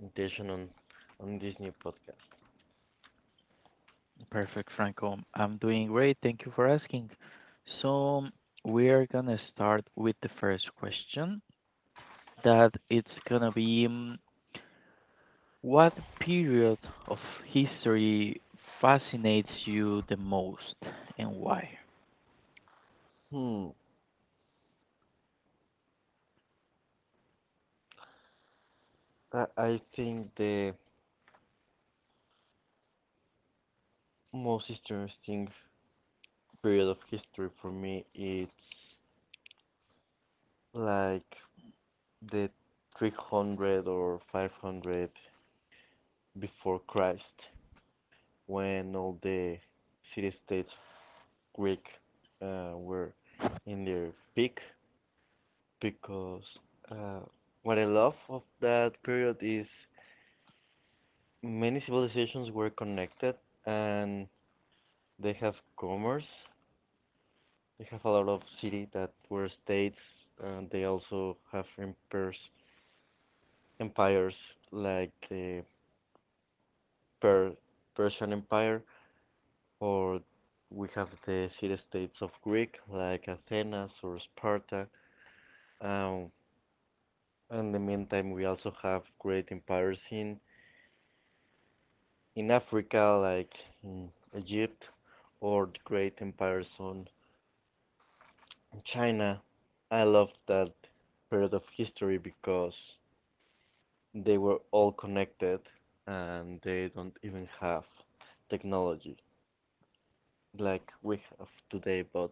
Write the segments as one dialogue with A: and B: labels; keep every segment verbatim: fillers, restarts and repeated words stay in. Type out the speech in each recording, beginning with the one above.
A: invitation on on this new podcast.
B: Perfect, Franco. I'm doing great. Thank you for asking. So we're gonna start with the first question. That it's gonna be mm, what period of history fascinates you the most and why?
A: Hmm, I, I think the most interesting period of history for me is like the three hundred or five hundred before Christ, when all the city-states Greek uh, were in their peak, because uh, what I love of that period is many civilizations were connected and they have commerce. They have a lot of cities that were states and they also have empires, empires like the per Persian Empire, or we have the city-states of Greek like Athens or Sparta. Um, in the meantime, we also have great empires in in Africa like in Egypt, or the great empires on China. I love that period of history because they were all connected and they don't even have technology like we have today, but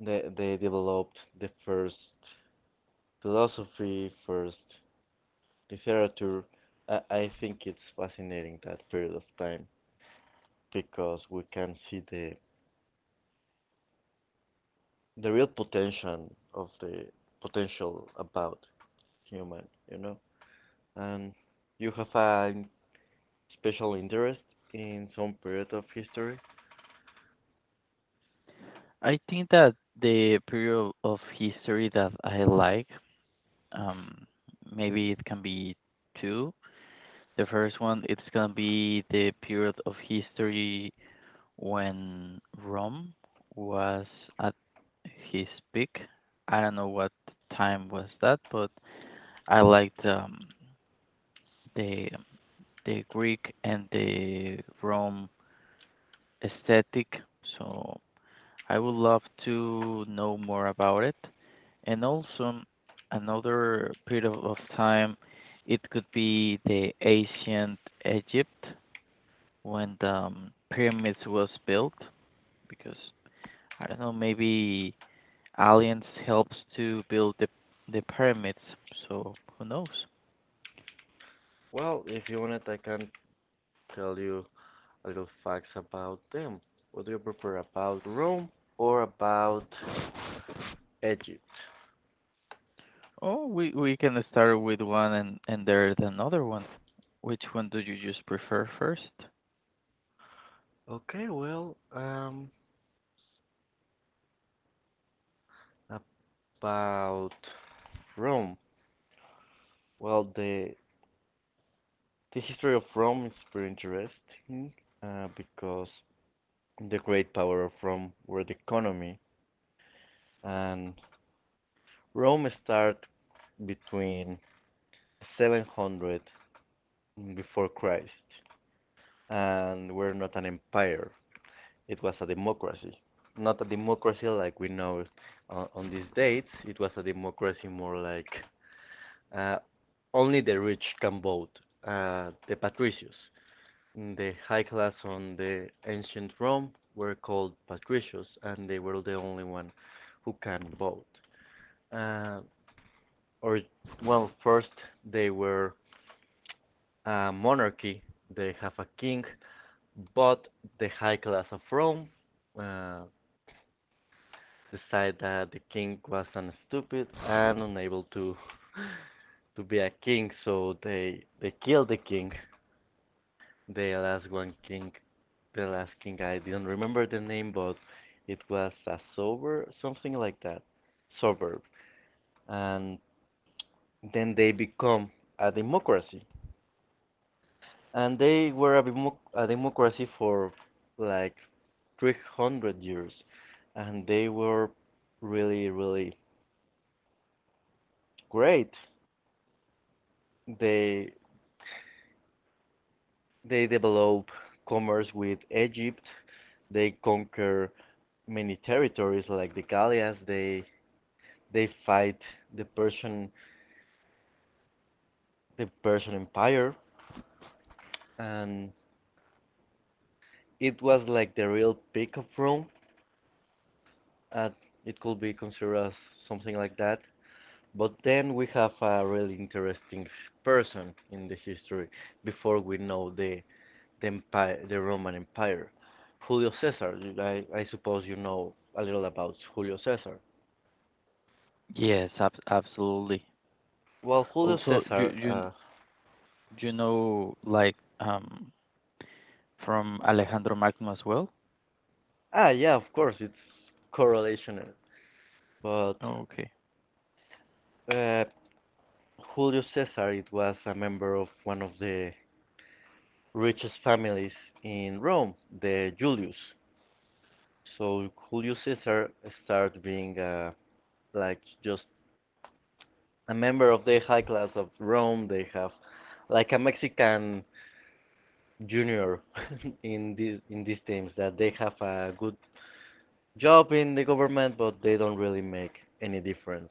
A: they, they developed the first philosophy, first literature. I, I think it's fascinating that period of time because we can see the the real potential of the potential about human, you know. And you have an special interest in some period of history?
B: I think that the period of history that I like, um, maybe it can be two. The first one, it's gonna be the period of history when Rome was at his peak. I don't know what time was that, but I liked um, the the Greek and the Rome aesthetic. So I would love to know more about it. And also, another period of of time, it could be the ancient Egypt when the um, pyramids was built, because I don't know, maybe aliens helps to build the the pyramids. So who knows?
A: Well, if you wanted, I can tell you a little facts about them. What do you prefer about Rome or about Egypt?
B: Oh, we we can start with one and and there's another one. Which one do you just prefer first?
A: Okay, well, um, about Rome. Well, the the history of Rome is very interesting uh, because the great power of Rome were the economy, and Rome started between seven hundred before Christ, and we're not an empire. It was a democracy, not a democracy like we know it on, on these dates. It was a democracy more like uh, only the rich can vote, uh, the patricians. The high class on the ancient Rome were called patricians, and they were the only one who can vote. Uh, or well, first they were a monarchy. They have a king. But the high class of Rome uh, decided that the king was an stupid and unable to to be a king, so they they killed the king. The last one king, the last king I didn't remember the name, but it was a sober something like that, sober. And then they become a democracy and they were a, demo- a democracy for like three hundred years, and they were really really great. They they develop commerce with Egypt, they conquer many territories like the Gallias, they they fight the persian the persian Empire, and it was like the real peak of Rome. Uh, it could be considered as something like that. But then we have a really interesting person in the history before we know the the empire, the Roman Empire, Julio Caesar. I, I suppose you know a little about Julio Caesar.
B: Yes, ab absolutely.
A: Well, Julio
B: Also, you
A: Caesar.
B: you
A: Uh,
B: You know, like, um, from Alejandro Magno as well?
A: ah, yeah, of course, it's correlational. But
B: Okay.
A: uh, Julio Caesar, it was a member of one of the richest families in Rome, the Julius. So Julio Caesar started being uh, like just a member of the high class of Rome. They have like a Mexican junior in these in these teams that they have a good job in the government, but they don't really make any difference.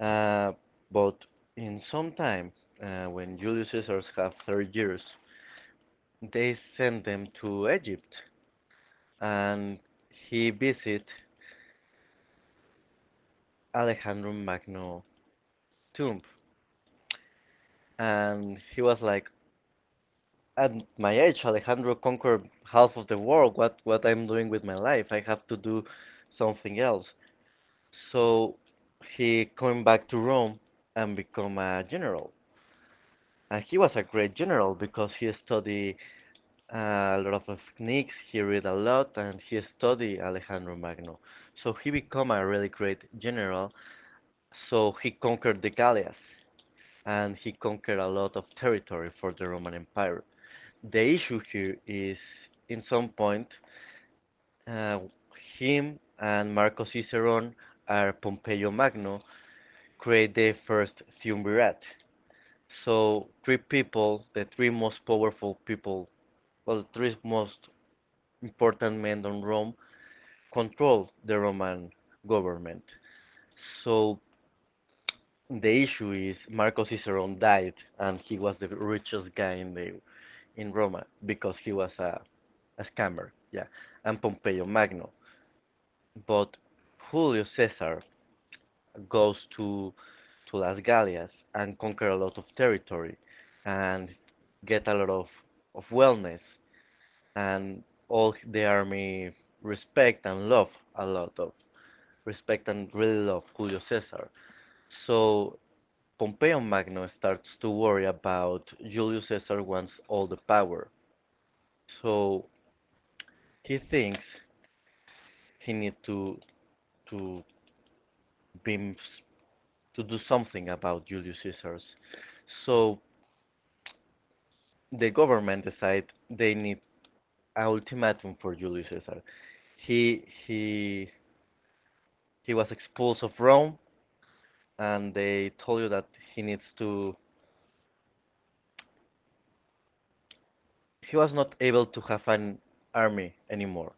A: Uh, but in some time, uh, when Julius Caesar's have thirty years, they send them to Egypt, and he visit Alejandro Magno tomb, and he was like, at my age, Alejandro conquered half of the world. What what I'm doing with my life? I have to do something else. So he came back to Rome and become a general. And he was a great general because he studied uh, a lot of techniques, he read a lot, and he studied Alejandro Magno. So he became a really great general. So he conquered the Gallias, and he conquered a lot of territory for the Roman Empire. The issue here is, in some point, uh, him and Marco Cicerone are Pompeo Magno create the first triumvirate. So three people, the three most powerful people, well, the three most important men on Rome, control the Roman government. So the issue is Marco Cicerone died, and he was the richest guy in the in Roma because he was a, a scammer. Yeah, and Pompeo Magno. But Julio Caesar goes to to Las Gallias and conquer a lot of territory and get a lot of, of wellness, and all the army respect and love a lot of respect and really love Julio Caesar. So Pompeo Magno starts to worry about Julius Caesar wants all the power. So he thinks he needs to to be to do something about Julius Caesar. So the government decided they need an ultimatum for Julius Caesar. He he he was expelled of Rome, and they told you that he needs to. He was not able to have an army anymore,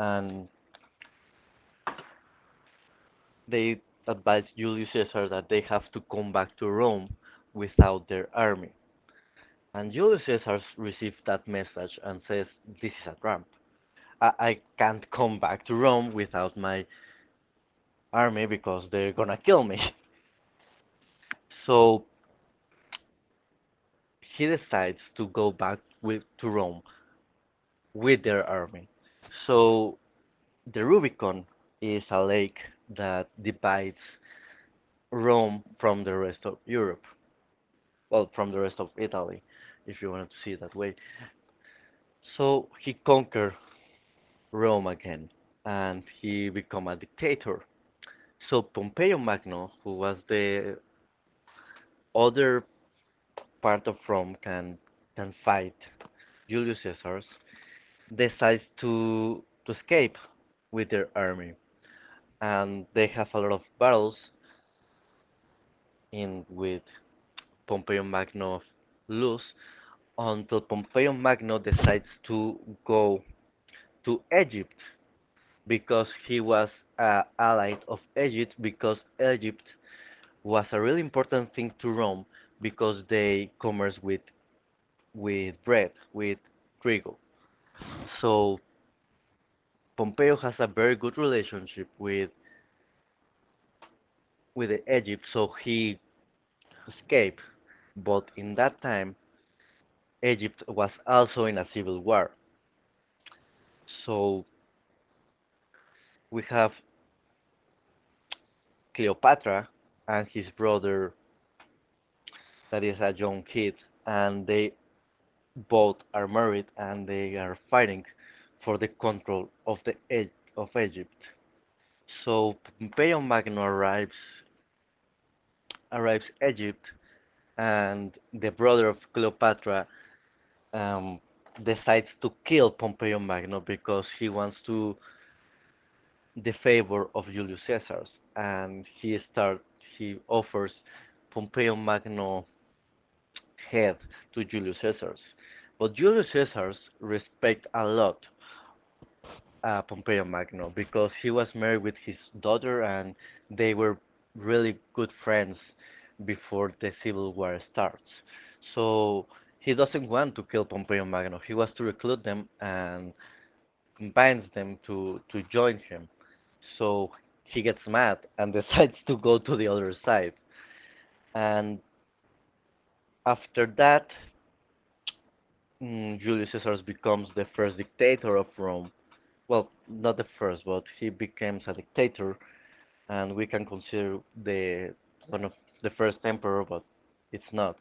A: and they advised Julius Caesar that they have to come back to Rome without their army. And Julius Caesar received that message and says, "This is a trap. I, I can't come back to Rome without my army because they're gonna kill me." So he decides to go back with to Rome with their army. So the Rubicon is a lake that divides Rome from the rest of Europe. Well, from the rest of Italy, if you want to see it that way. So he conquered Rome again and he become a dictator. So Pompeo Magno, who was the other part of Rome, can can fight Julius Caesar's decides to to escape with their army, and they have a lot of battles in with Pompeo Magno lose until Pompeo Magno decides to go to Egypt because he was uh, allied of Egypt because Egypt was a really important thing to Rome because they commerce with with bread with trigo. So Pompeo has a very good relationship with with Egypt, so he escape, but in that time Egypt was also in a civil war. So we have Cleopatra and his brother, that is a young kid, and they both are married and they are fighting for the control of the E- of Egypt. So Pompeo Magno arrives arrives Egypt, and the brother of Cleopatra um, decides to kill Pompeo Magno because he wants to the favor of Julius Caesar, and he start he offers Pompeo Magno head to Julius Caesar. But Julius Caesar respect a lot uh, Pompeo Magno because he was married with his daughter and they were really good friends before the civil war starts. So he doesn't want to kill Pompeo Magno. He wants to recruit them and combines them to to join him. So he gets mad and decides to go to the other side. And after that, mm, Julius Caesar becomes the first dictator of Rome. Well, not the first, but he becomes a dictator, and we can consider the one of the first emperor, but it's not.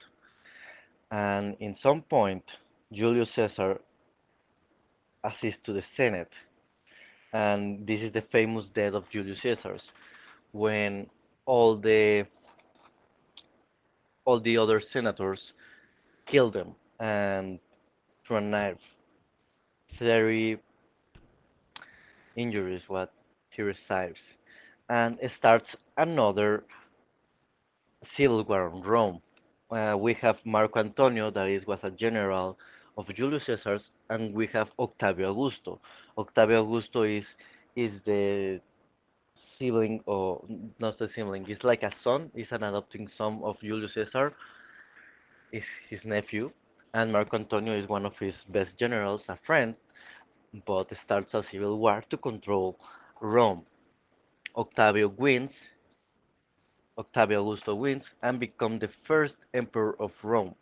A: And in some point, Julius Caesar assists to the Senate, and this is the famous death of Julius Caesar, when all the all the other senators killed him and through a knife. Theory injuries what he receives, and starts another civil war in Rome. Uh, we have Marco Antonio, that is, was a general of Julius Caesar, and we have Octavio Augusto. Octavio Augusto is is the sibling or not the sibling, it's like a son, is an adopting son of Julius Caesar, is his nephew, and Marco Antonio is one of his best generals, a friend, but starts a civil war to control Rome. Octavio wins, Octavio Augusto wins, and becomes the first emperor of Rome,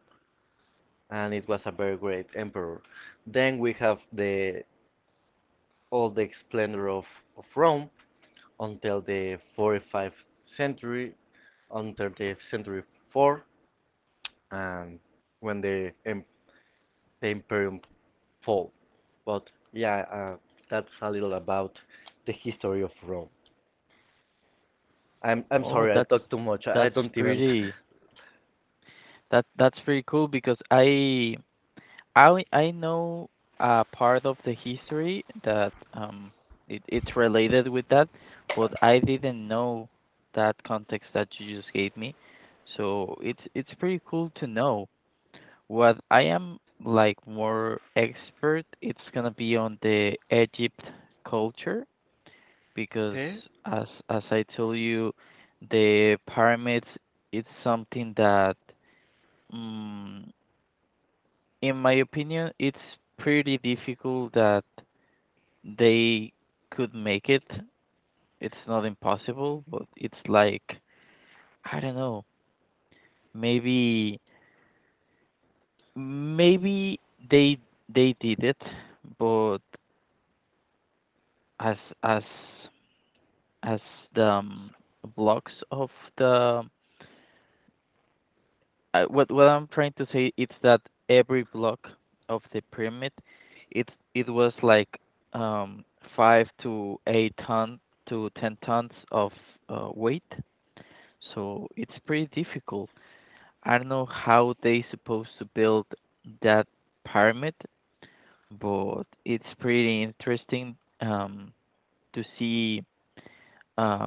A: and it was a very great emperor. Then we have the all the splendor of, of Rome until the forty-fifth century, until the century four, and when the, em- the imperium fall. But yeah, uh, that's a little about the history of Rome. I'm I'm
B: Oh,
A: sorry, I
B: that's
A: talk too much. I, I
B: that's
A: don't even.
B: pretty that that's pretty cool because I I only- I know a part of the history that um it, it's related with that, but I didn't know that context that you just gave me. So it's it's pretty cool to know. What I am like more expert, it's gonna be on the Egypt culture because
A: Okay.
B: as as I told you, the pyramids it's something that, mm, in my opinion, it's pretty difficult that they could make it. It's not impossible, but it's like I don't know. Maybe maybe they they did it, but as as as the um, blocks of the. Uh, what what I'm trying to say is that every block of the pyramid, it it was like um five to eight ton to ten tons of uh, weight. So it's pretty difficult. I don't know how they supposed to build that pyramid, but it's pretty interesting um to see uh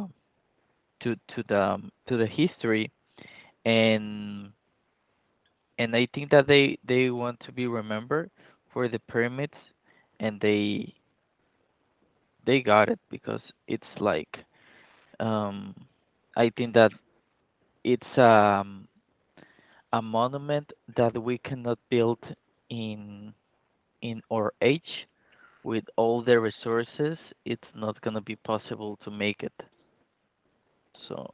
B: to to the um, to the history. And and I think that they they want to be remembered for the pyramids, and they they got it because it's like, um, I think that it's, um, a monument that we cannot build in in our age with all the resources. It's not gonna be possible to make it. So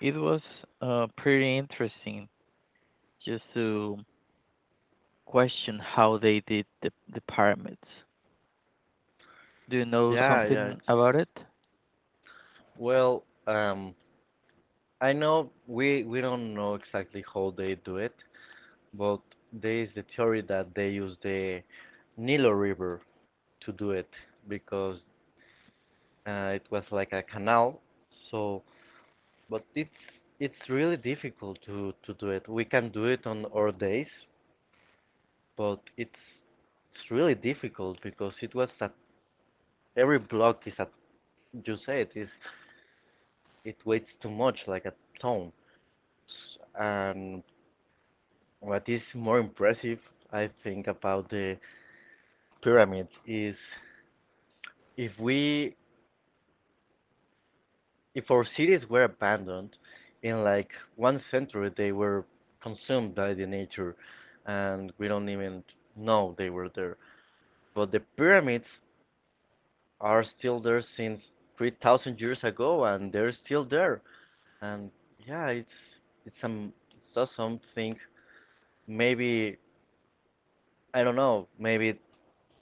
B: it was, uh, pretty interesting just to question how they did the, the pyramids. Do you know
A: Yeah, yeah.
B: something
A: It's,
B: about it?
A: well, um, I know we we don't know exactly how they do it, but there is the theory that they use the Nilo River to do it because uh, it was like a canal. So, but it's it's really difficult to to do it. We can do it on our days, but it's it's really difficult because it was that every block is at, you say it is, it weighs too much like a ton. S- and what is more impressive I think about the pyramid is, if we if our cities were abandoned in like one century, they were consumed by the nature, and we don't even know they were there, but the pyramids are still there since three thousand years ago, and they're still there. And yeah, it's it's some it's awesome thing. Maybe I don't know. Maybe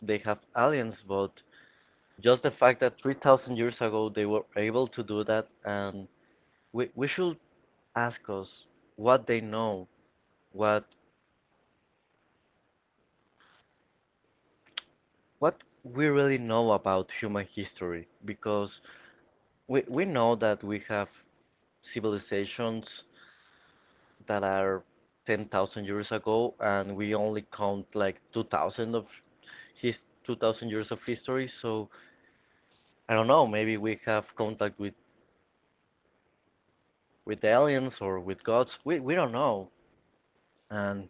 A: they have aliens, but just the fact that three thousand years ago they were able to do that, and we we should ask us what they know, what what we really know about human history, because we we know that we have civilizations that are ten thousand years ago, and we only count like two thousand of his two thousand years of history. So I don't know. Maybe we have contact with with aliens or with gods. We we don't know. And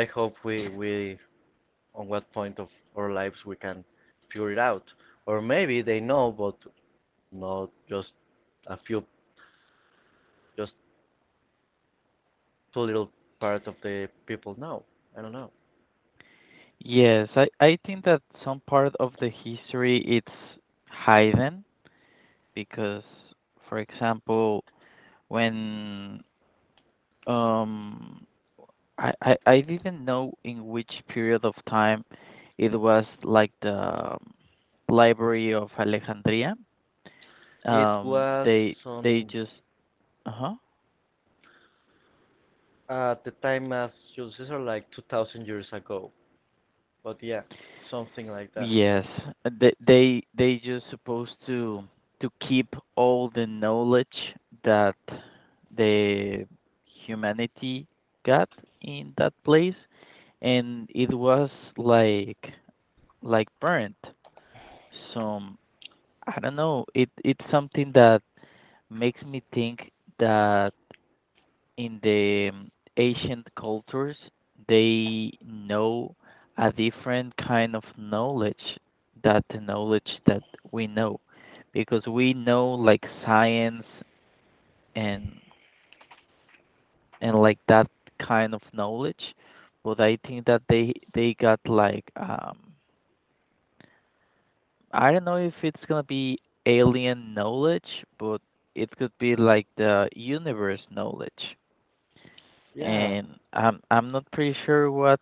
A: I hope we we on what point of our lives we can figure it out. Or maybe they know, but not just a few, just too little part of the people know. I don't know.
B: Yes, I, I think that some part of the history it's hidden because, for example, when um I, I, I didn't know in which period of time it was like the, um, library of Alexandria.
A: It
B: Um,
A: was
B: they they
A: on
B: just. Uh-huh.
A: uh, the time as Julius Caesar, like two thousand years ago. But yeah, something like that.
B: Yes, uh, they they they just supposed to to keep all the knowledge that the humanity got in that place, and it was like like burnt. So I don't know. It it's something that makes me think that in the, um, ancient cultures, they know a different kind of knowledge that the knowledge that we know, because we know like science and and like that kind of knowledge, but I think that they they got like, um I don't know if it's gonna be alien knowledge, but it could be like the universe knowledge.
A: Yeah,
B: And I'm I'm not pretty sure what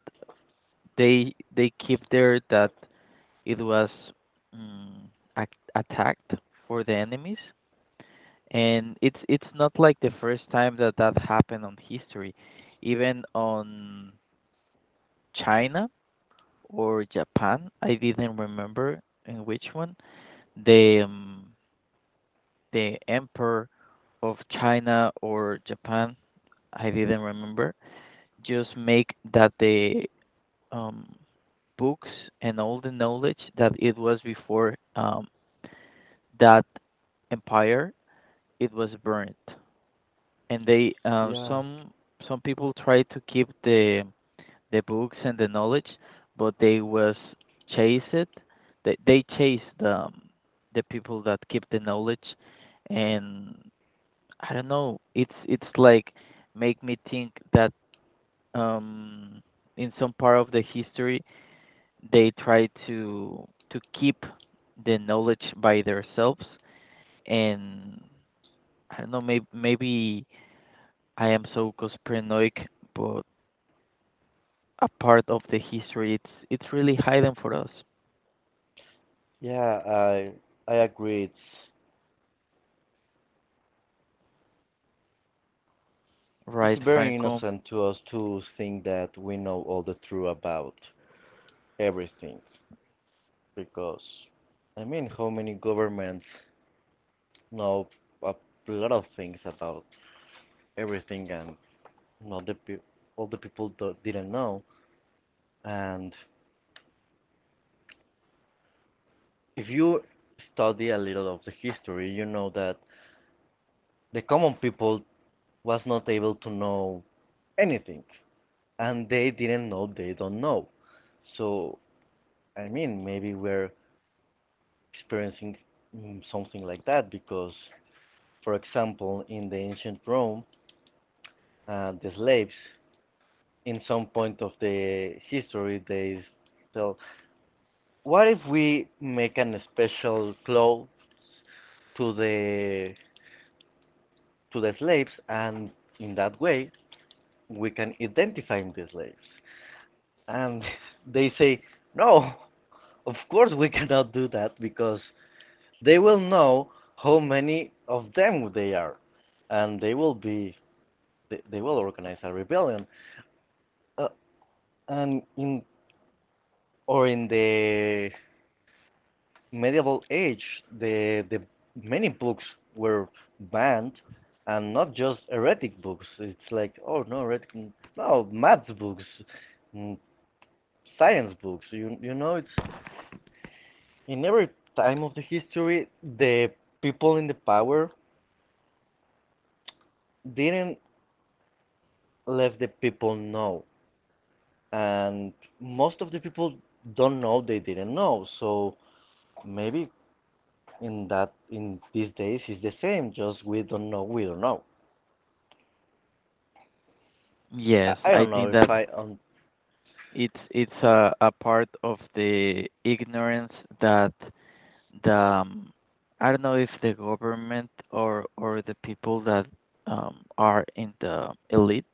B: they they keep there that it was mm, ac attacked for the enemies, and it's it's not like the first time that that happened on history, even on China or Japan. I didn't remember in which one the um, the emperor of China or Japan. I didn't remember. Just make that the, um, books and all the knowledge that it was before, um, that empire it was burned and they, uh,
A: yeah,
B: some some people tried to keep the the books and the knowledge, but they was chased. They, they chased the, um, the people that keep the knowledge. And I don't know, it's it's like make me think that, um in some part of the history they try to to keep the knowledge by themselves. And I don't know, maybe maybe I am so conspiranoic, but a part of the history, it's it's really hidden for us,
A: yeah. I I agree. It's it's
B: right,
A: very
B: Franco?
A: innocent to us to think that we know all the truth about everything, because I mean, how many governments know a lot of things about everything, and not the pe- all the people do- didn't know. And if you study a little of the history, you know that the common people was not able to know anything and they didn't know they don't know. So I mean maybe we're experiencing mm, something like that because for example in the ancient Rome, uh, the slaves in some point of the history they tell what if we make an special cloth to the to the slaves and in that way we can identify the slaves. And they say, no, of course we cannot do that because they will know how many of them they are, and they will be they, they will organize a rebellion. Uh, and in or in the medieval age, the the many books were banned, and not just heretic books. It's like oh no, heretic, no math books, mm, science books. You you know it's in every time of the history, the people in the power didn't let the people know, and most of the people don't know they didn't know. So maybe in that in these days it's the same. Just we don't know. We don't know. I,
B: Yes,
A: I
B: I
A: don't know
B: think
A: if
B: that
A: I um
B: it's it's a, a part of the ignorance that the, um, I don't know if the government or or the people that, um, are in the elite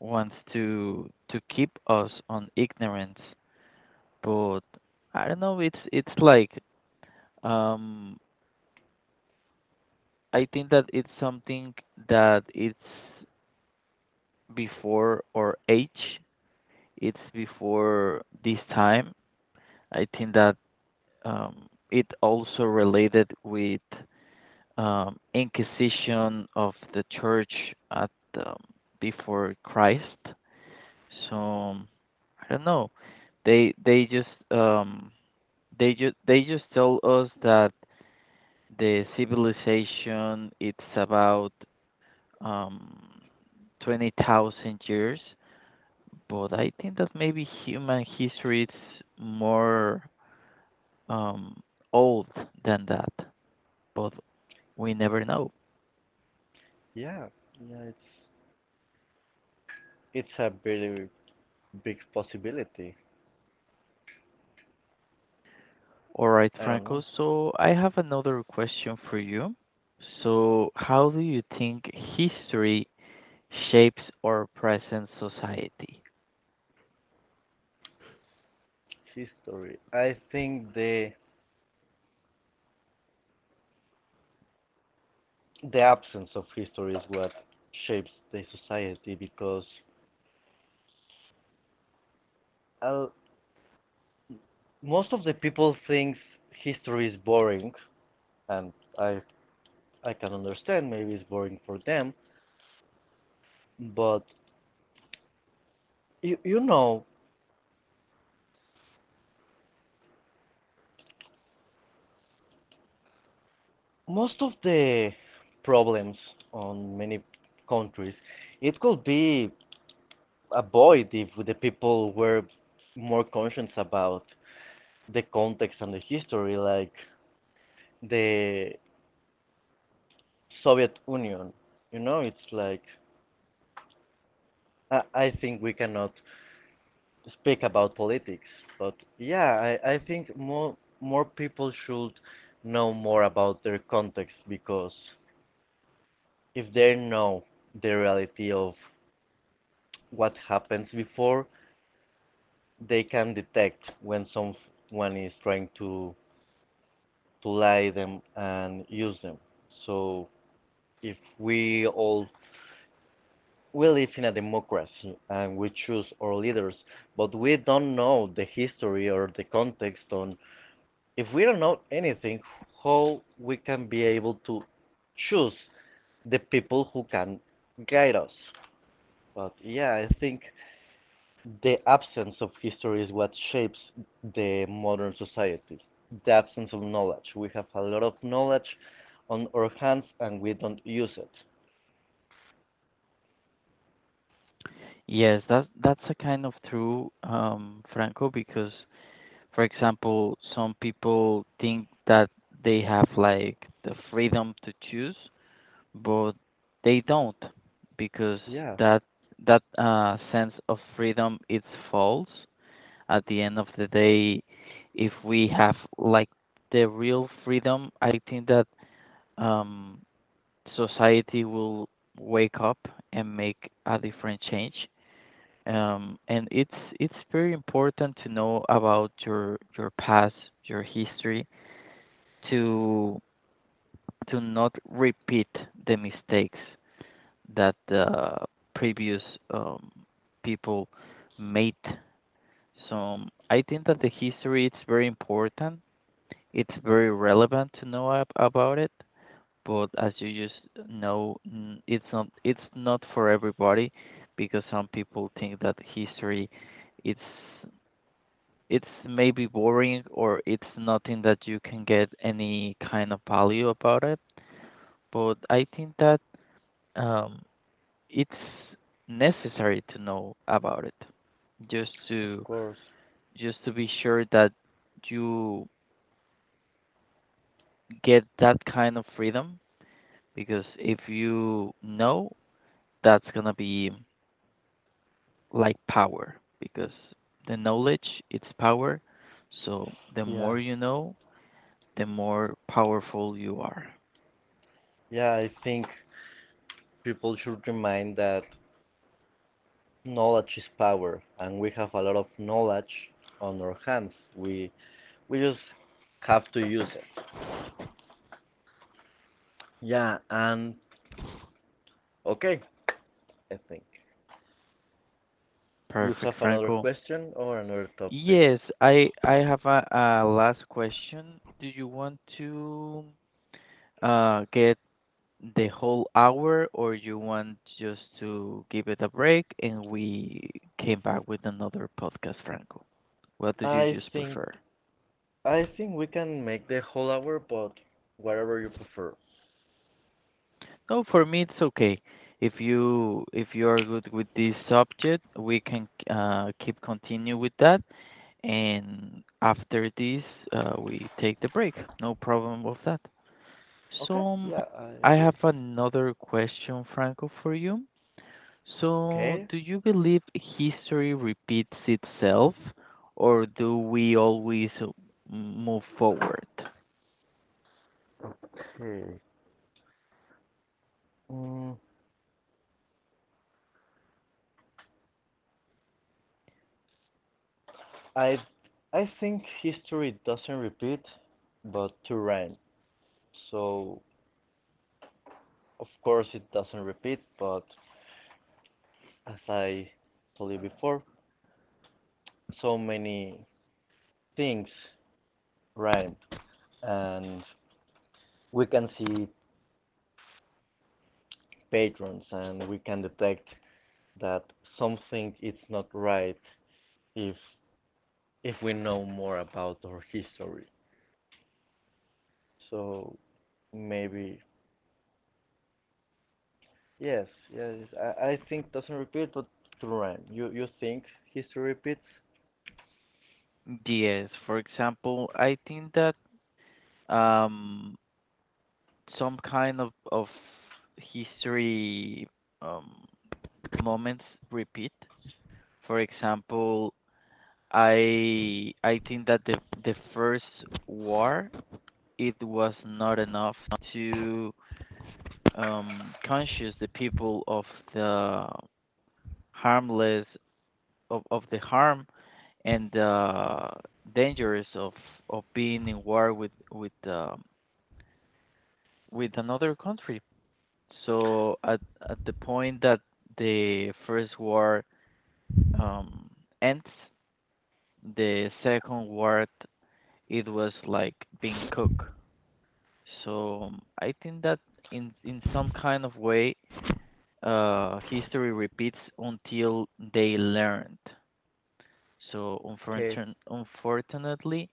B: wants to to keep us on ignorance. But I don't know. It's it's like, um, I think that it's something that it's before our age. It's before this time. I think that, um, it also related with, um, Inquisition of the Church at, um, before Christ. So I don't know. They they just um, They just they just told us that the civilization it's about um twenty thousand years, but I think that maybe human history is more um old than that, but we never know.
A: Yeah, yeah, it's it's a really big possibility.
B: All right,
A: I don't
B: Franco,
A: know.
B: so I have another question for you. So, how do you think history shapes our present society?
A: History. I think the the absence of history is what shapes the society because uh, most of the people thinks history is boring and i i can understand maybe it's boring for them but you, you know most of the problems on many countries it could be avoided if the people were more conscious about the context and the history like the Soviet Union. You know it's like i, I think we cannot speak about politics, but yeah, I, I think more more people should know more about their context because if they know the reality of what happens before, they can detect when someone is trying to to lie them and use them. So if we all we live in a democracy and we choose our leaders, but we don't know the history or the context, on if we don't know anything, how we can be able to choose the people who can guide us. But yeah, I think the absence of history is what shapes the modern society. The absence of knowledge. We have a lot of knowledge on our hands and we don't use it.
B: Yes, that's that's a kind of true, um, Franco, because, for example, some people think that they have like the freedom to choose, but they don't, because
A: Yeah,
B: that that uh, sense of freedom it's false. At the end of the day, if we have like the real freedom, I think that, um, society will wake up and make a different change, um, and it's it's very important to know about your your past, your history, to to not repeat the mistakes that the previous, um, people made. So I think that the history is very important. It's very relevant to know ab- about it, but as you just know, n- it's not it's not for everybody because some people think that history it's it's maybe boring or it's nothing that you can get any kind of value about it. But I think that, um, it's necessary to know about it just
A: of
B: to
A: course.
B: just to be sure that you get that kind of freedom, because if you know, that's gonna be like power, because the knowledge it's power. So the
A: Yeah.
B: more you know, the more powerful you are.
A: Yeah, I think people should remind that knowledge is power and we have a lot of knowledge on our hands. We We just have to use it. Yeah, and okay, I think. You
B: Perfect,
A: have another
B: Franco.
A: question or another topic?
B: Yes, I I have a, a last question. Do you want to, uh, get the whole hour, or you want just to give it a break and we came back with another podcast, Franco? What do you
A: I
B: just
A: think
B: prefer?
A: I think we can make the whole hour, but whatever you prefer.
B: No, for me it's okay. If you if you are good with this subject, we can, uh, keep continue with that, and after this, uh, we take the break. No problem with that.
A: Okay.
B: So
A: Yeah, I
B: I
A: agree.
B: have another question, Franco, for you. So
A: Okay.
B: do you believe history repeats itself, or do we always, uh, move forward?
A: Hmm. Mm, I I think history doesn't repeat, but to rent. So of course it doesn't repeat, but as I told you before, so many things rhyme. And we can see patterns and we can detect that something is not right if if we know more about our history. So maybe yes, yes. I, I think doesn't repeat, but to rhyme. You you think history repeats?
B: Yes, for example, I think that, um, some kind of, of history, um, moments repeat. For example, I I think that the the first war it was not enough to, um, conscious the people of the harmless of, of the harm and, uh, dangers of of being in war with with um, with another country. So at at the point that the first war, um, ends, the second war it was like being cooked. So, um, I think that in in some kind of way, uh, history repeats until they learned. So
A: Okay,
B: unfortun- unfortunately,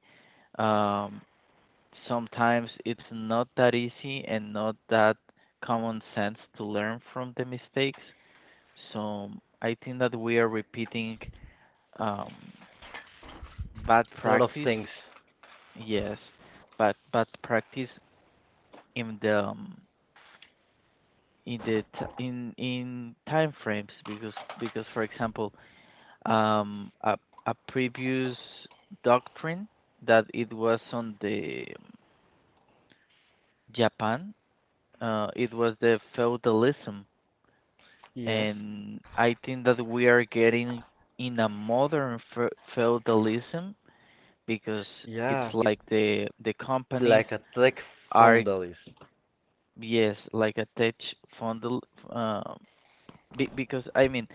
B: um, sometimes it's not that easy and not that common sense to learn from the mistakes. So I think that we are repeating, um, bad
A: a lot of
B: practice,
A: things.
B: yes, but bad practice in the um, in the t- in in time frames, because because for example, um, a, a previous doctrine that it was on the, um, Japan. Uh, it was the feudalism,
A: Yes.
B: and I think that we are getting in a modern fe- feudalism, because it's
A: Yeah,
B: like the the companies
A: like a tech
B: are,
A: foundalism.
B: yes, like attached tech fundal, uh, Be because I mean,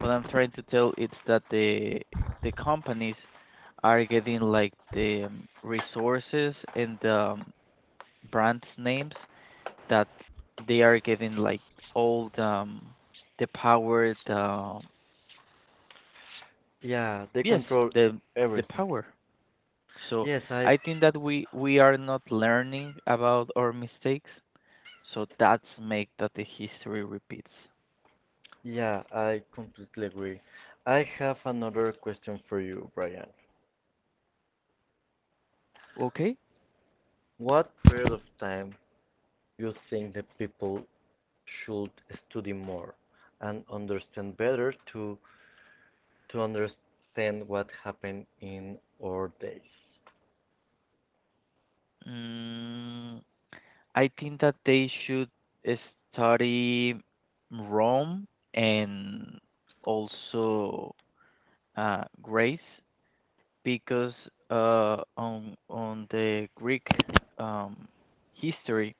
B: what I'm trying to tell it's that the the companies are getting like the, um, resources and, um, brands names, that they are getting like all the um, the power, the um,
A: Yeah, they
B: yes,
A: control
B: the the
A: everything.
B: power. So
A: Yes, I.
B: I think that we we are not learning about our mistakes. So that's make that the history repeats.
A: Yeah, I completely agree. I have another question for you, Brian.
B: Okay.
A: What period of time you think that people should study more and understand better to to understand what happened in our days?
B: Mm, I think that they should study Rome and also, uh, Greece because, uh, on on the Greek, um, history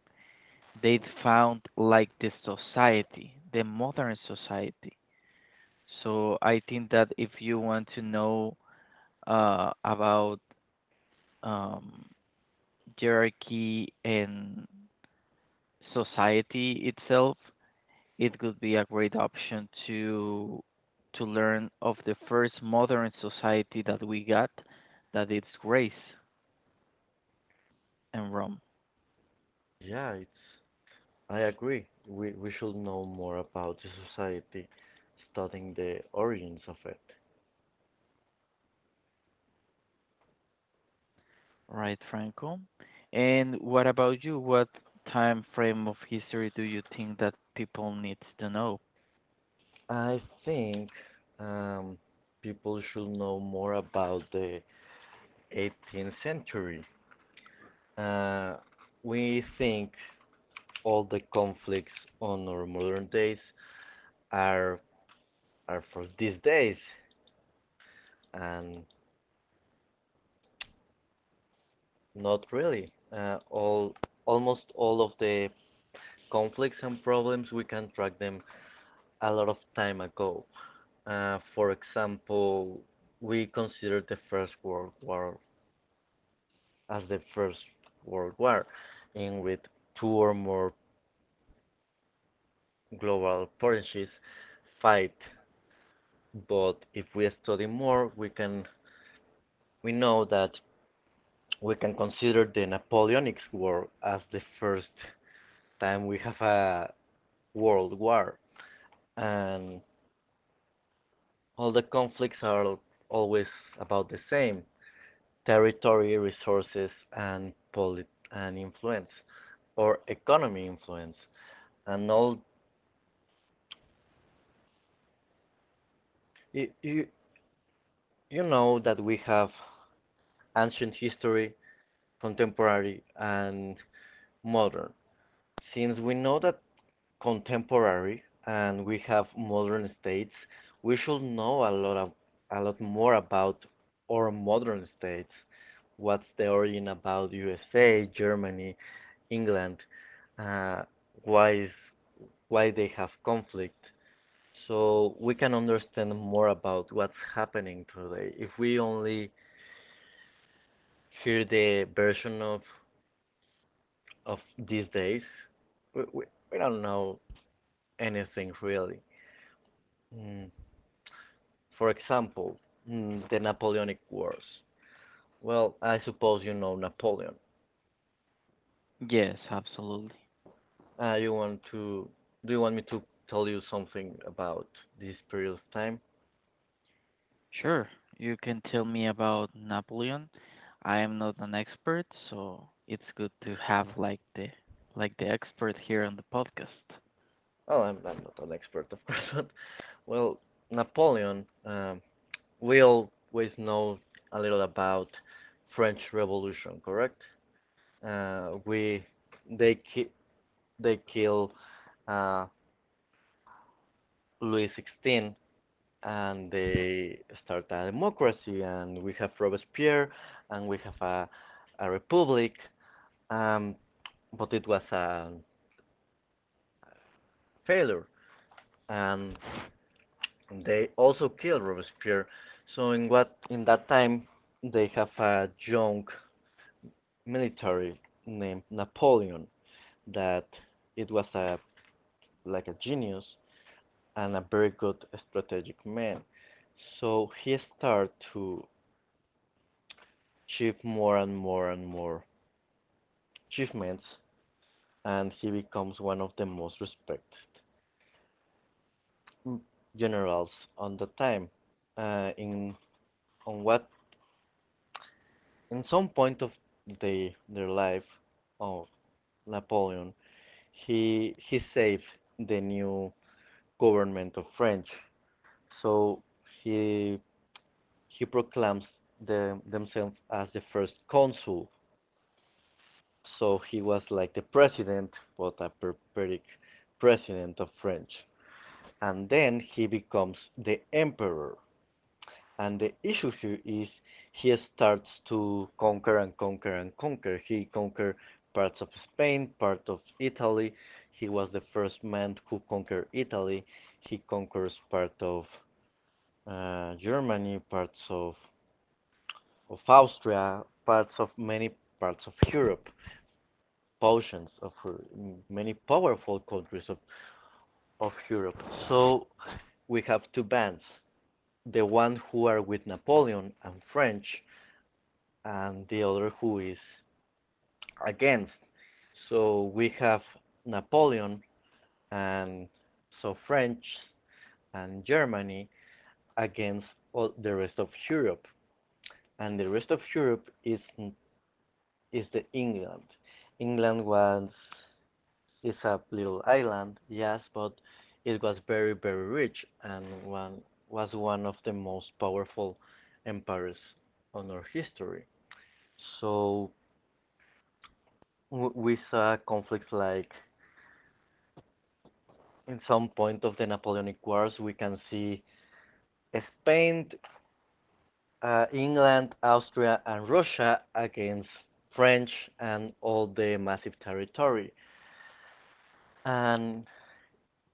B: they found like the society, the modern society. So I think that if you want to know, uh, about, um, hierarchy and society itself, it could be a great option to to learn of the first modern society that we got, that it's Greece and Rome,
A: Yeah, it's I agree. We we should know more about the society, studying the origins of it.
B: right, Franco? And what about you? What time frame of history do you think that people needs to know?
A: I think um, people should know more about the eighteenth century. Uh, we think all the conflicts on our modern days are are for these days, and not really. Uh, all almost all of the conflicts and problems we can track them a lot of time ago. Uh, for example, we consider the First World War as the First World War, in which two or more global potencies fight but if we study more, we can we know that we can consider the Napoleonic War as the first time we have a world war, and all the conflicts are always about the same: territory, resources, and polit and influence, or economy influence, and all. You, you, you know that we have ancient history, contemporary, and modern. Since we know that contemporary and we have modern states, we should know a lot of a lot more about our modern states. What's the origin about U S A, Germany, England? Uh, why is why they have conflict? So we can understand more about what's happening today. If we only hear the version of of these days, we, we, we don't know anything really. Mm. For example, mm, the Napoleonic Wars. Well, I suppose you know Napoleon.
B: Yes, absolutely.
A: Uh, you want to? Do you want me to tell you something about this period of time?
B: Sure. You can tell me about Napoleon. I am not an expert, so it's good to have like the like the expert here on the podcast.
A: Well, I'm, I'm not an expert, of course, but well, Napoleon. Um, we always know a little about French Revolution, correct? Uh, we they ki- they kill uh, Louis the sixteenth and they start a democracy, and we have Robespierre, and we have a, a republic, um, but it was a failure, and they also killed Robespierre. So in what in that time they have a young military named Napoleon that it was a like a genius and a very good strategic man. So he started to achieve more and more and more achievements and he becomes one of the most respected generals on the time uh, in on what In some point of the their life of Napoleon, he he saved the new government of France. So he he proclaims the, themselves as the first consul, so he was like the president, but a perpetual president of French, and then he becomes the emperor. And the issue here is he starts to conquer and conquer and conquer. He conquered parts of Spain, part of Italy. He was the first man who conquered Italy. He conquers part of uh, Germany, parts of, of Austria, parts of many parts of Europe, portions of uh, many powerful countries of, of Europe. So we have two bands, the one who are with Napoleon and French, and the other who is against. So we have Napoleon and so French and Germany against all the rest of Europe, and the rest of Europe is is the England. England was is a little island, yes, but it was very very rich and one was one of the most powerful empires on our history. So w- we saw conflicts like in some point of the Napoleonic Wars, we can see Spain, uh, England, Austria, and Russia against French and all the massive territory. And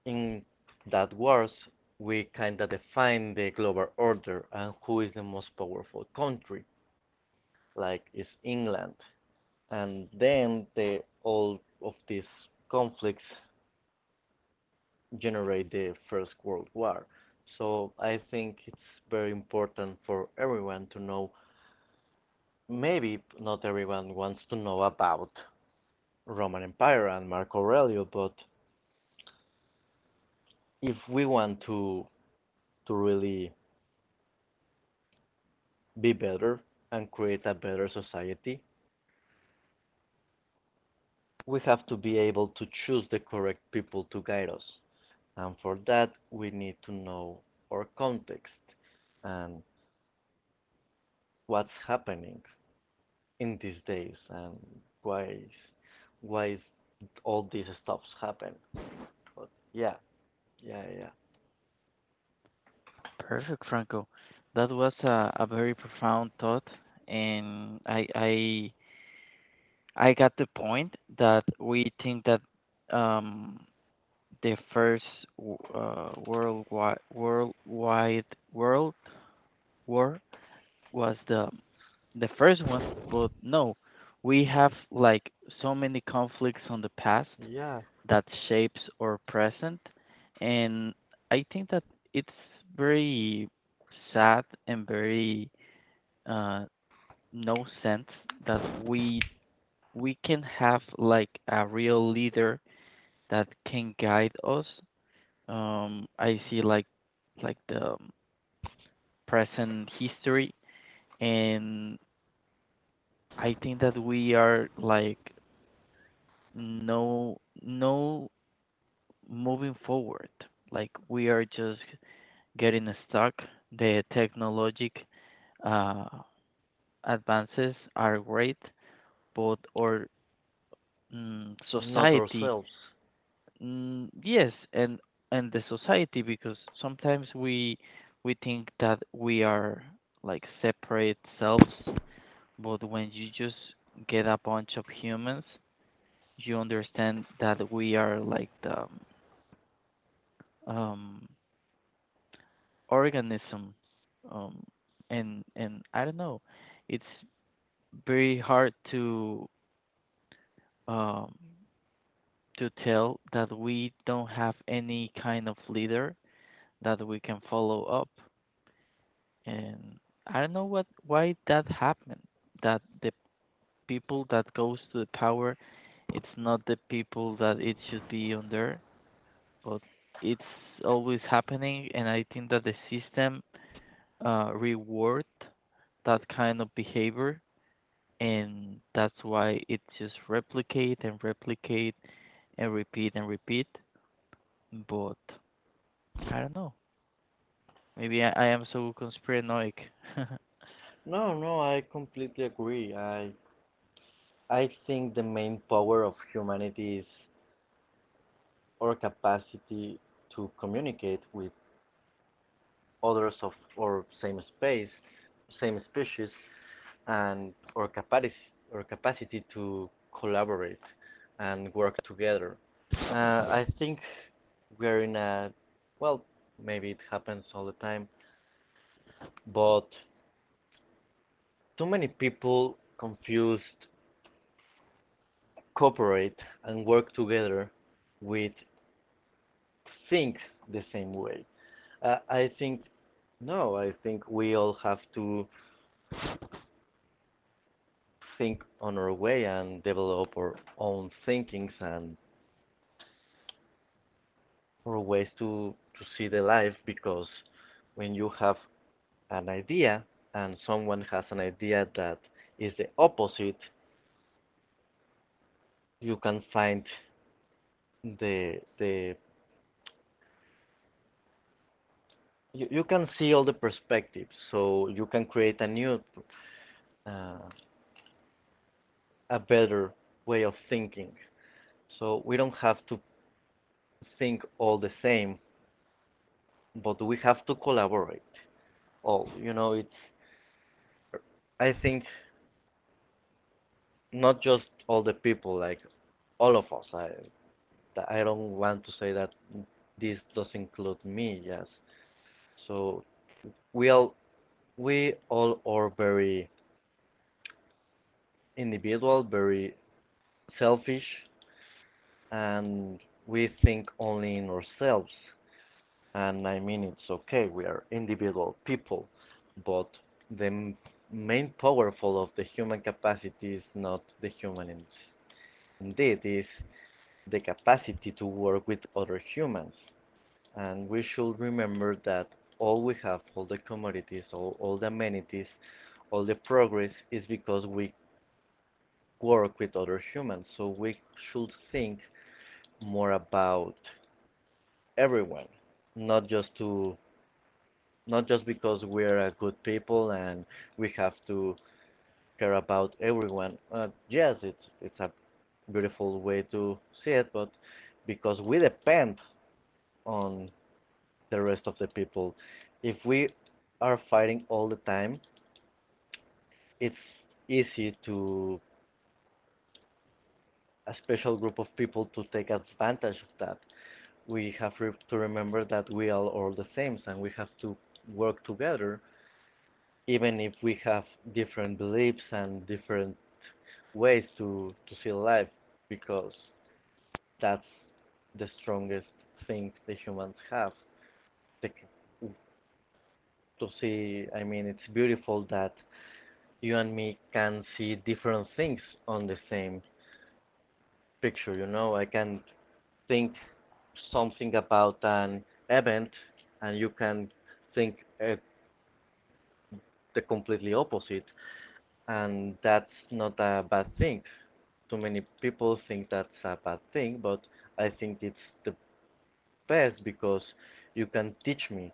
A: in that wars, we kind of define the global order and who is the most powerful country, like is England. And then the all of these conflicts generate the First World War. So I think it's very important for everyone to know. Maybe not everyone wants to know about Roman Empire and Marco Aurelio, but if we want to to really be better and create a better society, we have to be able to choose the correct people to guide us. And for that, we need to know our context and what's happening in these days and why is, why is all these stuffs happen. But Yeah. yeah yeah
B: Perfect, Franco. That was a, a very profound thought, and I I I got the point that we think that um the first w- uh, worldwide worldwide world war was the the first one, but no, we have like so many conflicts on the past
A: yeah
B: that shapes our present, and I think that it's very sad and very uh, no sense that we we can have like a real leader that can guide us. Um, I see like like the um, present history, and I think that we are like no no moving forward. Like we are just getting stuck. The technologic uh, advances are great, but our mm,
A: Not
B: society.
A: ourselves.
B: Mm, yes, and and the society because sometimes we we think that we are like separate selves, but when you just get a bunch of humans, you understand that we are like the um, um, organism, um, and and I don't know, it's very hard to um, to tell that we don't have any kind of leader that we can follow up. And I don't know what why that happened. That the people that goes to the power, it's not the people that it should be under, but it's always happening. And I think that the system uh, reward that kind of behavior, and that's why it just replicate and replicate and repeat and repeat. But I don't know. Maybe I, I am so conspiranoic.
A: no No, I completely agree. i I think the main power of humanity is our capacity to communicate with others of our same space, same species, and our capacity our capacity to collaborate and work together. Uh, I think we're in a well, maybe it happens all the time, but too many people confused cooperate and work together with think the same way. Uh, I think no, I think we all have to think on our way and develop our own thinkings and or ways to, to see the life because when you have an idea and someone has an idea that is the opposite, you can find the the you, you can see all the perspectives, so you can create a new uh, a better way of thinking. So we don't have to think all the same, but we have to collaborate. All you know, it's I think not just all the people, like all of us. I, I don't want to say that this does include me. Yes. So we all we all are very individual, very selfish, and we think only in ourselves. And I mean, it's okay. We are individual people, but the main powerful of the human capacity is not the human in- indeed is the capacity to work with other humans. And we should remember that all we have, all the commodities, all, all the amenities, all the progress is because we work with other humans. So we should think more about everyone, not just to not just because we're a good people and we have to care about everyone. Uh, yes, it's it's a beautiful way to see it, but because we depend on the rest of the people, if we are fighting all the time, it's easy to a special group of people to take advantage of that. We have re- to remember that we are all the same and we have to work together, even if we have different beliefs and different ways to, to see life, because that's the strongest thing the humans have. The, to see, I mean, it's beautiful that you and me can see different things on the same picture, you know? I can think something about an event and you can think uh, the completely opposite, and that's not a bad thing. Too many people think that's a bad thing, but I think it's the best, because you can teach me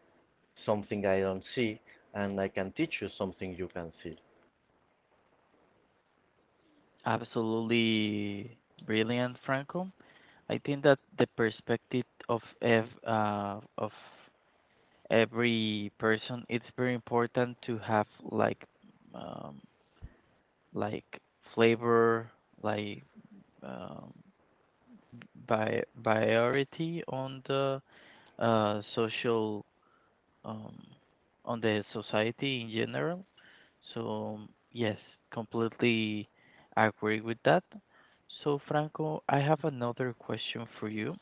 A: something I don't see and I can teach you something you can see.
B: Absolutely brilliant, Franco. I think that the perspective of ev uh, of every person it's very important to have like um, like flavor, like um, by priority on the uh, social um, on the society in general. So, yes, completely agree with that. So, Franco, I have another question for you.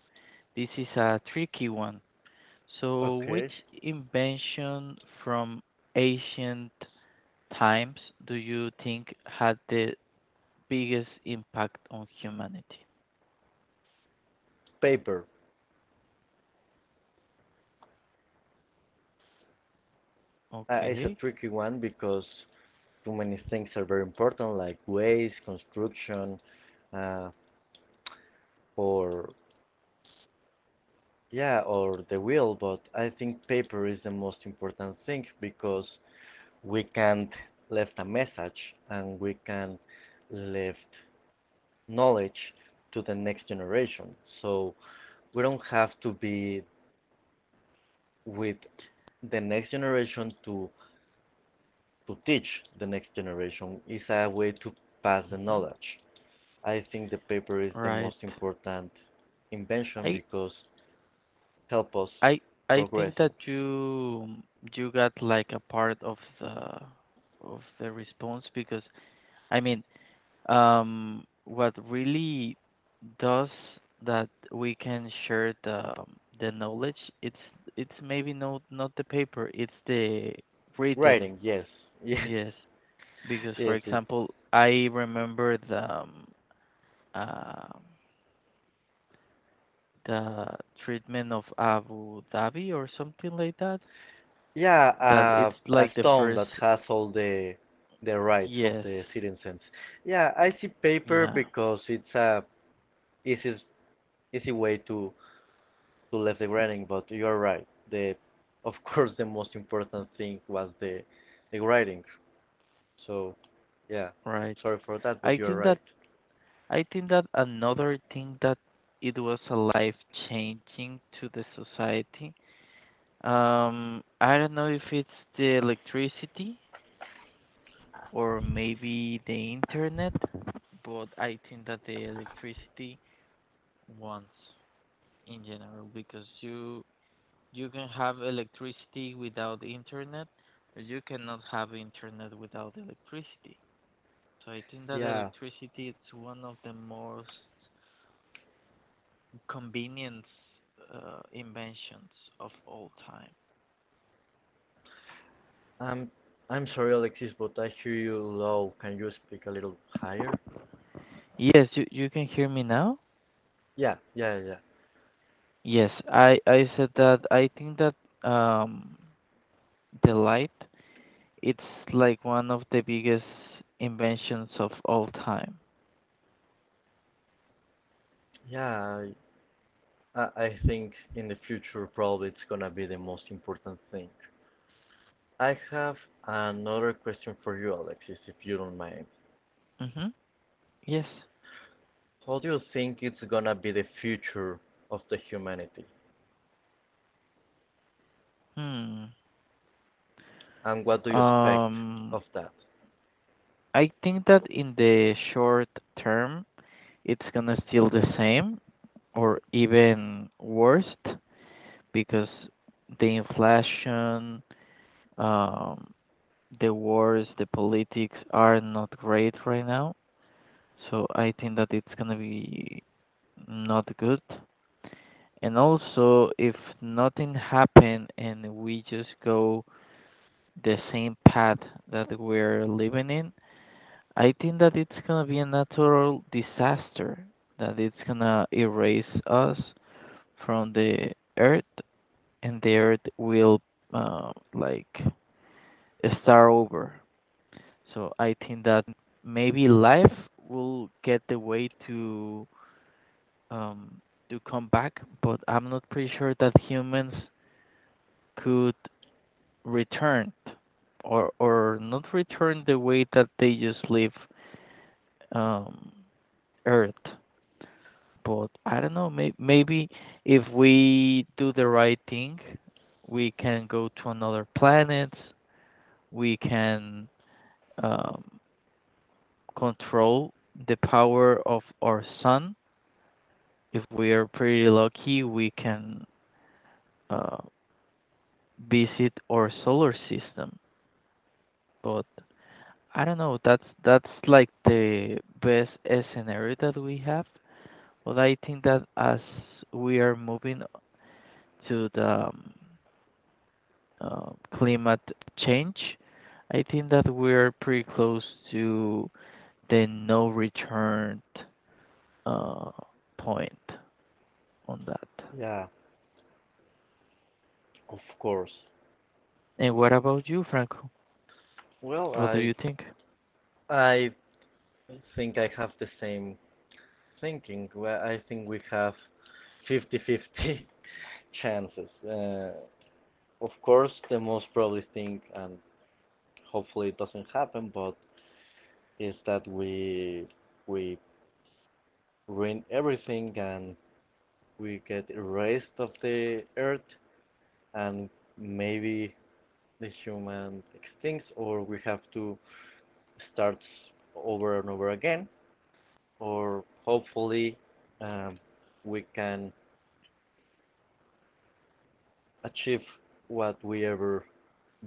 B: This is a tricky one. So, which
A: Okay.
B: invention from ancient times do you think had the biggest impact on humanity?
A: Paper. Uh, is a
B: Okay.
A: tricky one because too many things are very important, like ways construction, uh, or yeah, or they will, but I think paper is the most important thing because we can't left a message and we can left knowledge to the next generation. So we don't have to be with the next generation to to teach the next generation. It's a way to pass the
B: Hmm.
A: knowledge. I think the paper is the
B: Right.
A: most important invention
B: I
A: because help us
B: I I think
A: progressing.
B: that you you got like a part of the of the response because I mean um what really does that we can share the um, the knowledge it's it's maybe not not the paper, it's the written.
A: Writing, yes, yes.
B: Yes, because for
A: Yes, it's
B: example I remember the um, uh, the treatment of Abu Dhabi or something like that
A: yeah,
B: that
A: uh,
B: it's
A: a
B: like the
A: stone
B: first.
A: that has all the the rights of
B: Yes.
A: the citizens. Yeah, I see paper
B: Yeah.
A: because it's a easy easy way to to leave the writing, but you're right. The of course the most important thing was the the writing. So yeah,
B: Right.
A: sorry for that,
B: I
A: but you're
B: think that
A: right.
B: I think that another thing that it was a life changing to the society. Um, I don't know if it's the electricity or maybe the internet, but I think that the electricity wants in general because you you can have electricity without internet, but you cannot have internet without electricity. So I think that
A: Yeah,
B: electricity is one of the most convenience uh, inventions of all time.
A: I'm I'm sorry, Alexis, but I hear you low. Can you speak a little higher?
B: Yes, you, you can hear me now?
A: Yeah, yeah, yeah.
B: Yes, I, I said that I think that um, the light it's like one of the biggest inventions of all time.
A: Yeah, I I think in the future probably it's gonna be the most important thing. I have another question for you, Alexis, if you don't mind.
B: Mm-hmm. Yes.
A: How do you think it's gonna be the future of the humanity,
B: Hmm.
A: and what do you expect
B: Um,
A: of that?
B: I think that in the short term, it's gonna still the same or even worse because the inflation, Um, the wars, the politics are not great right now, so I think that it's gonna be not good. And also, if nothing happen and we just go the same path that we're living in, I think that it's gonna be a natural disaster that it's gonna erase us from the earth, and the earth will uh, like start over. So I think that maybe life will get the way to um, to come back, but I'm not pretty sure that humans could return or or not return the way that they just live um, Earth. But I don't know. May- maybe if we do the right thing, we can go to another planet. We can um, control the power of our sun. If we are pretty lucky, we can uh, visit our solar system. But I don't know. That's that's like the best scenario that we have. But I think that as we are moving to the um, uh, climate change, I think that we're pretty close to the no return uh, point on that.
A: Yeah. Of course.
B: And what about you, Franco?
A: Well,
B: What do
A: I
B: you think?
A: I think I have the same thinking. Well, I think we have fifty-fifty chances. Uh, of course, the most probably thing, and hopefully it doesn't happen, but is that we we ruin everything and we get erased of the earth, and maybe the human extincts or we have to start over and over again, or hopefully um, we can achieve what we ever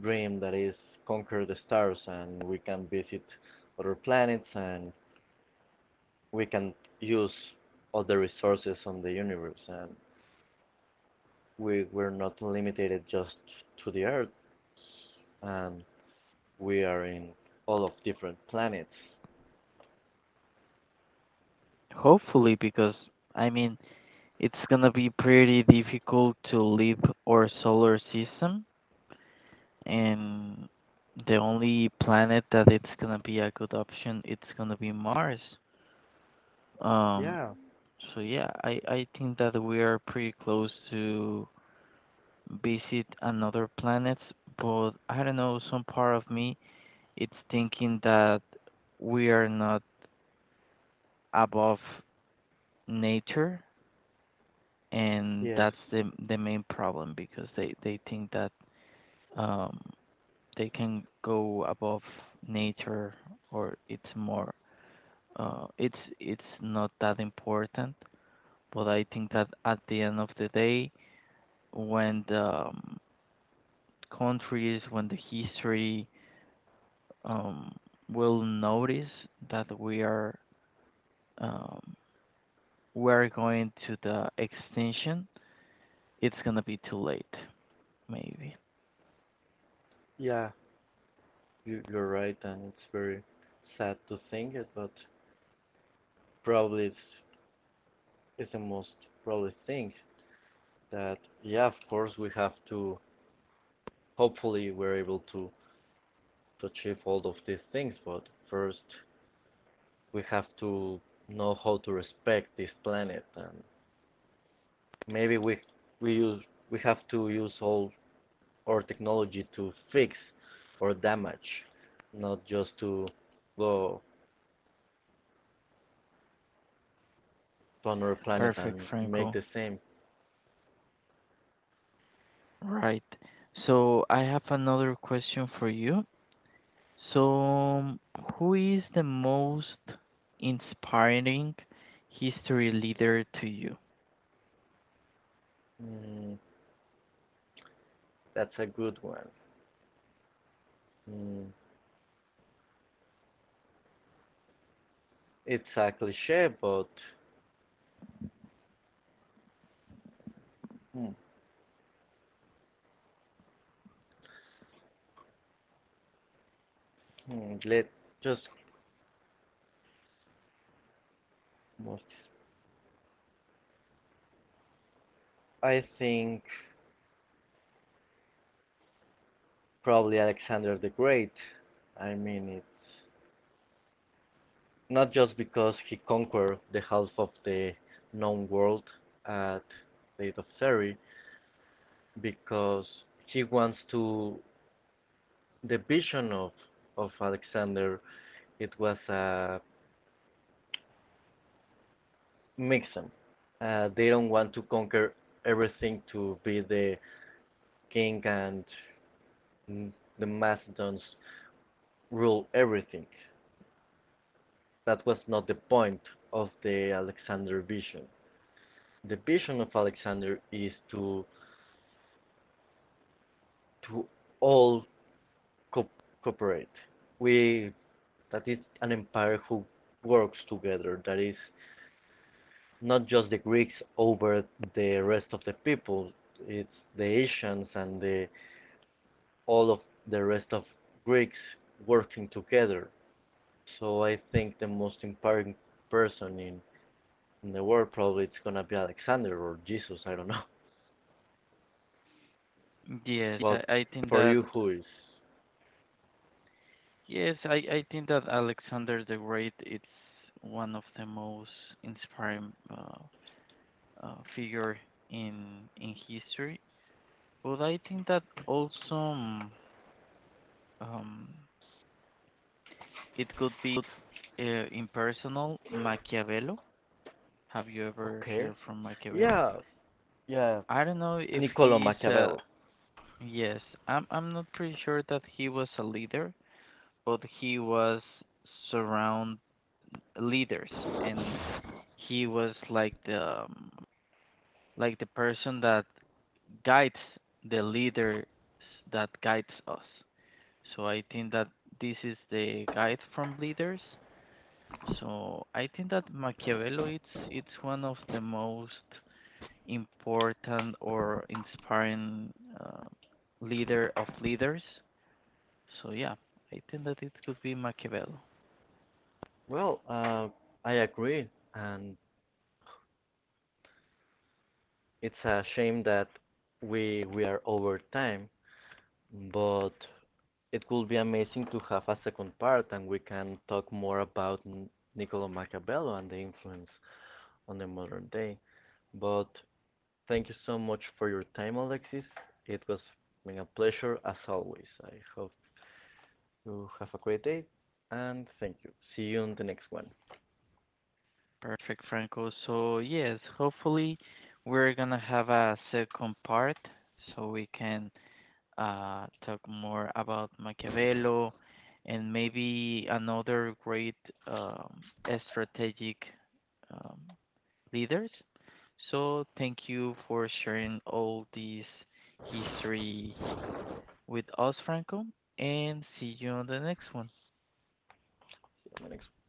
A: dream, that is conquer the stars, and we can visit other planets, and we can use other resources on the universe, and we we're not limited just to the Earth, and we are in all of different planets.
B: Hopefully, because I mean, it's gonna be pretty difficult to leave our solar system, and the only planet that it's gonna be a good option, it's gonna be Mars. Um,
A: Yeah.
B: so yeah, I I think that we are pretty close to visit another planet, but I don't know, some part of me it's thinking that we are not above nature, and
A: Yes.
B: that's the the main problem because they they think that um they can go above nature or it's more uh it's it's not that important, but I think that at the end of the day, when the um, countries, when the history um will notice that we are um we're going to the extinction, it's going to be too late, maybe.
A: Yeah. You, you're right, and it's very sad to think it, but probably it's, it's the most probably thing that yeah, of course we have to. Hopefully, we're able to to achieve all of these things, but first we have to know how to respect this planet, and maybe we we use we have to use all or technology to fix or damage, not just to go to another planet
B: Perfect,
A: and make
B: Franco.
A: the same.
B: Right. So I have another question for you. So, who is the most inspiring history leader to you?
A: Mm, that's a good one. Mm, it's a cliche, but mm, mm, let just most. I think probably Alexander the Great. I mean, it's not just because he conquered the half of the known world at the age of thirty, because he wants to the vision of of Alexander, it was a mixum. Uh, they don't want to conquer everything to be the king and mm, the Macedons rule everything. That was not the point of the Alexander vision. The vision of Alexander is to to all co- cooperate. We That is an empire who works together. That is not just the Greeks over the rest of the people. It's the Asians and the, all of the rest of Greeks working together. So I think the most empowering person in, in the world probably it's gonna be Alexander or Jesus. I don't know.
B: Yes,
A: But
B: I, I think
A: for
B: that
A: you, who is?
B: yes, I, I think that Alexander the Great is one of the most inspiring uh, uh, figure in in history. But I think that also um, um, it could be uh, impersonal Machiavelli. Have you ever
A: Okay.
B: heard from Machiavelli?
A: Yeah, yeah.
B: I don't know if
A: Niccolo
B: he's a
A: Machiavelli.
B: yes. I'm I'm not pretty sure that he was a leader, but he was surround leaders, and he was like the um, like the person that guides the leaders that guides us. So I think that this is the guide from leaders. So I think that Machiavelli it's it's one of the most important or inspiring uh, leader of leaders. So yeah, I think that it could be Machiavello.
A: Well, uh, I agree, and it's a shame that we we are over time, but it would be amazing to have a second part and we can talk more about Niccolo Machiavello and the influence on the modern day. But thank you so much for your time, Alexis. It was been a pleasure as always. I hope you have a great day and thank you. See you on the next one. See
B: Perfect, Franco. So yes, hopefully we're gonna have a second part so we can uh, talk more about Machiavello and maybe another great um, strategic um, leaders. So thank you for sharing all these history with us, Franco, and see you on the next one.
A: you on the next one.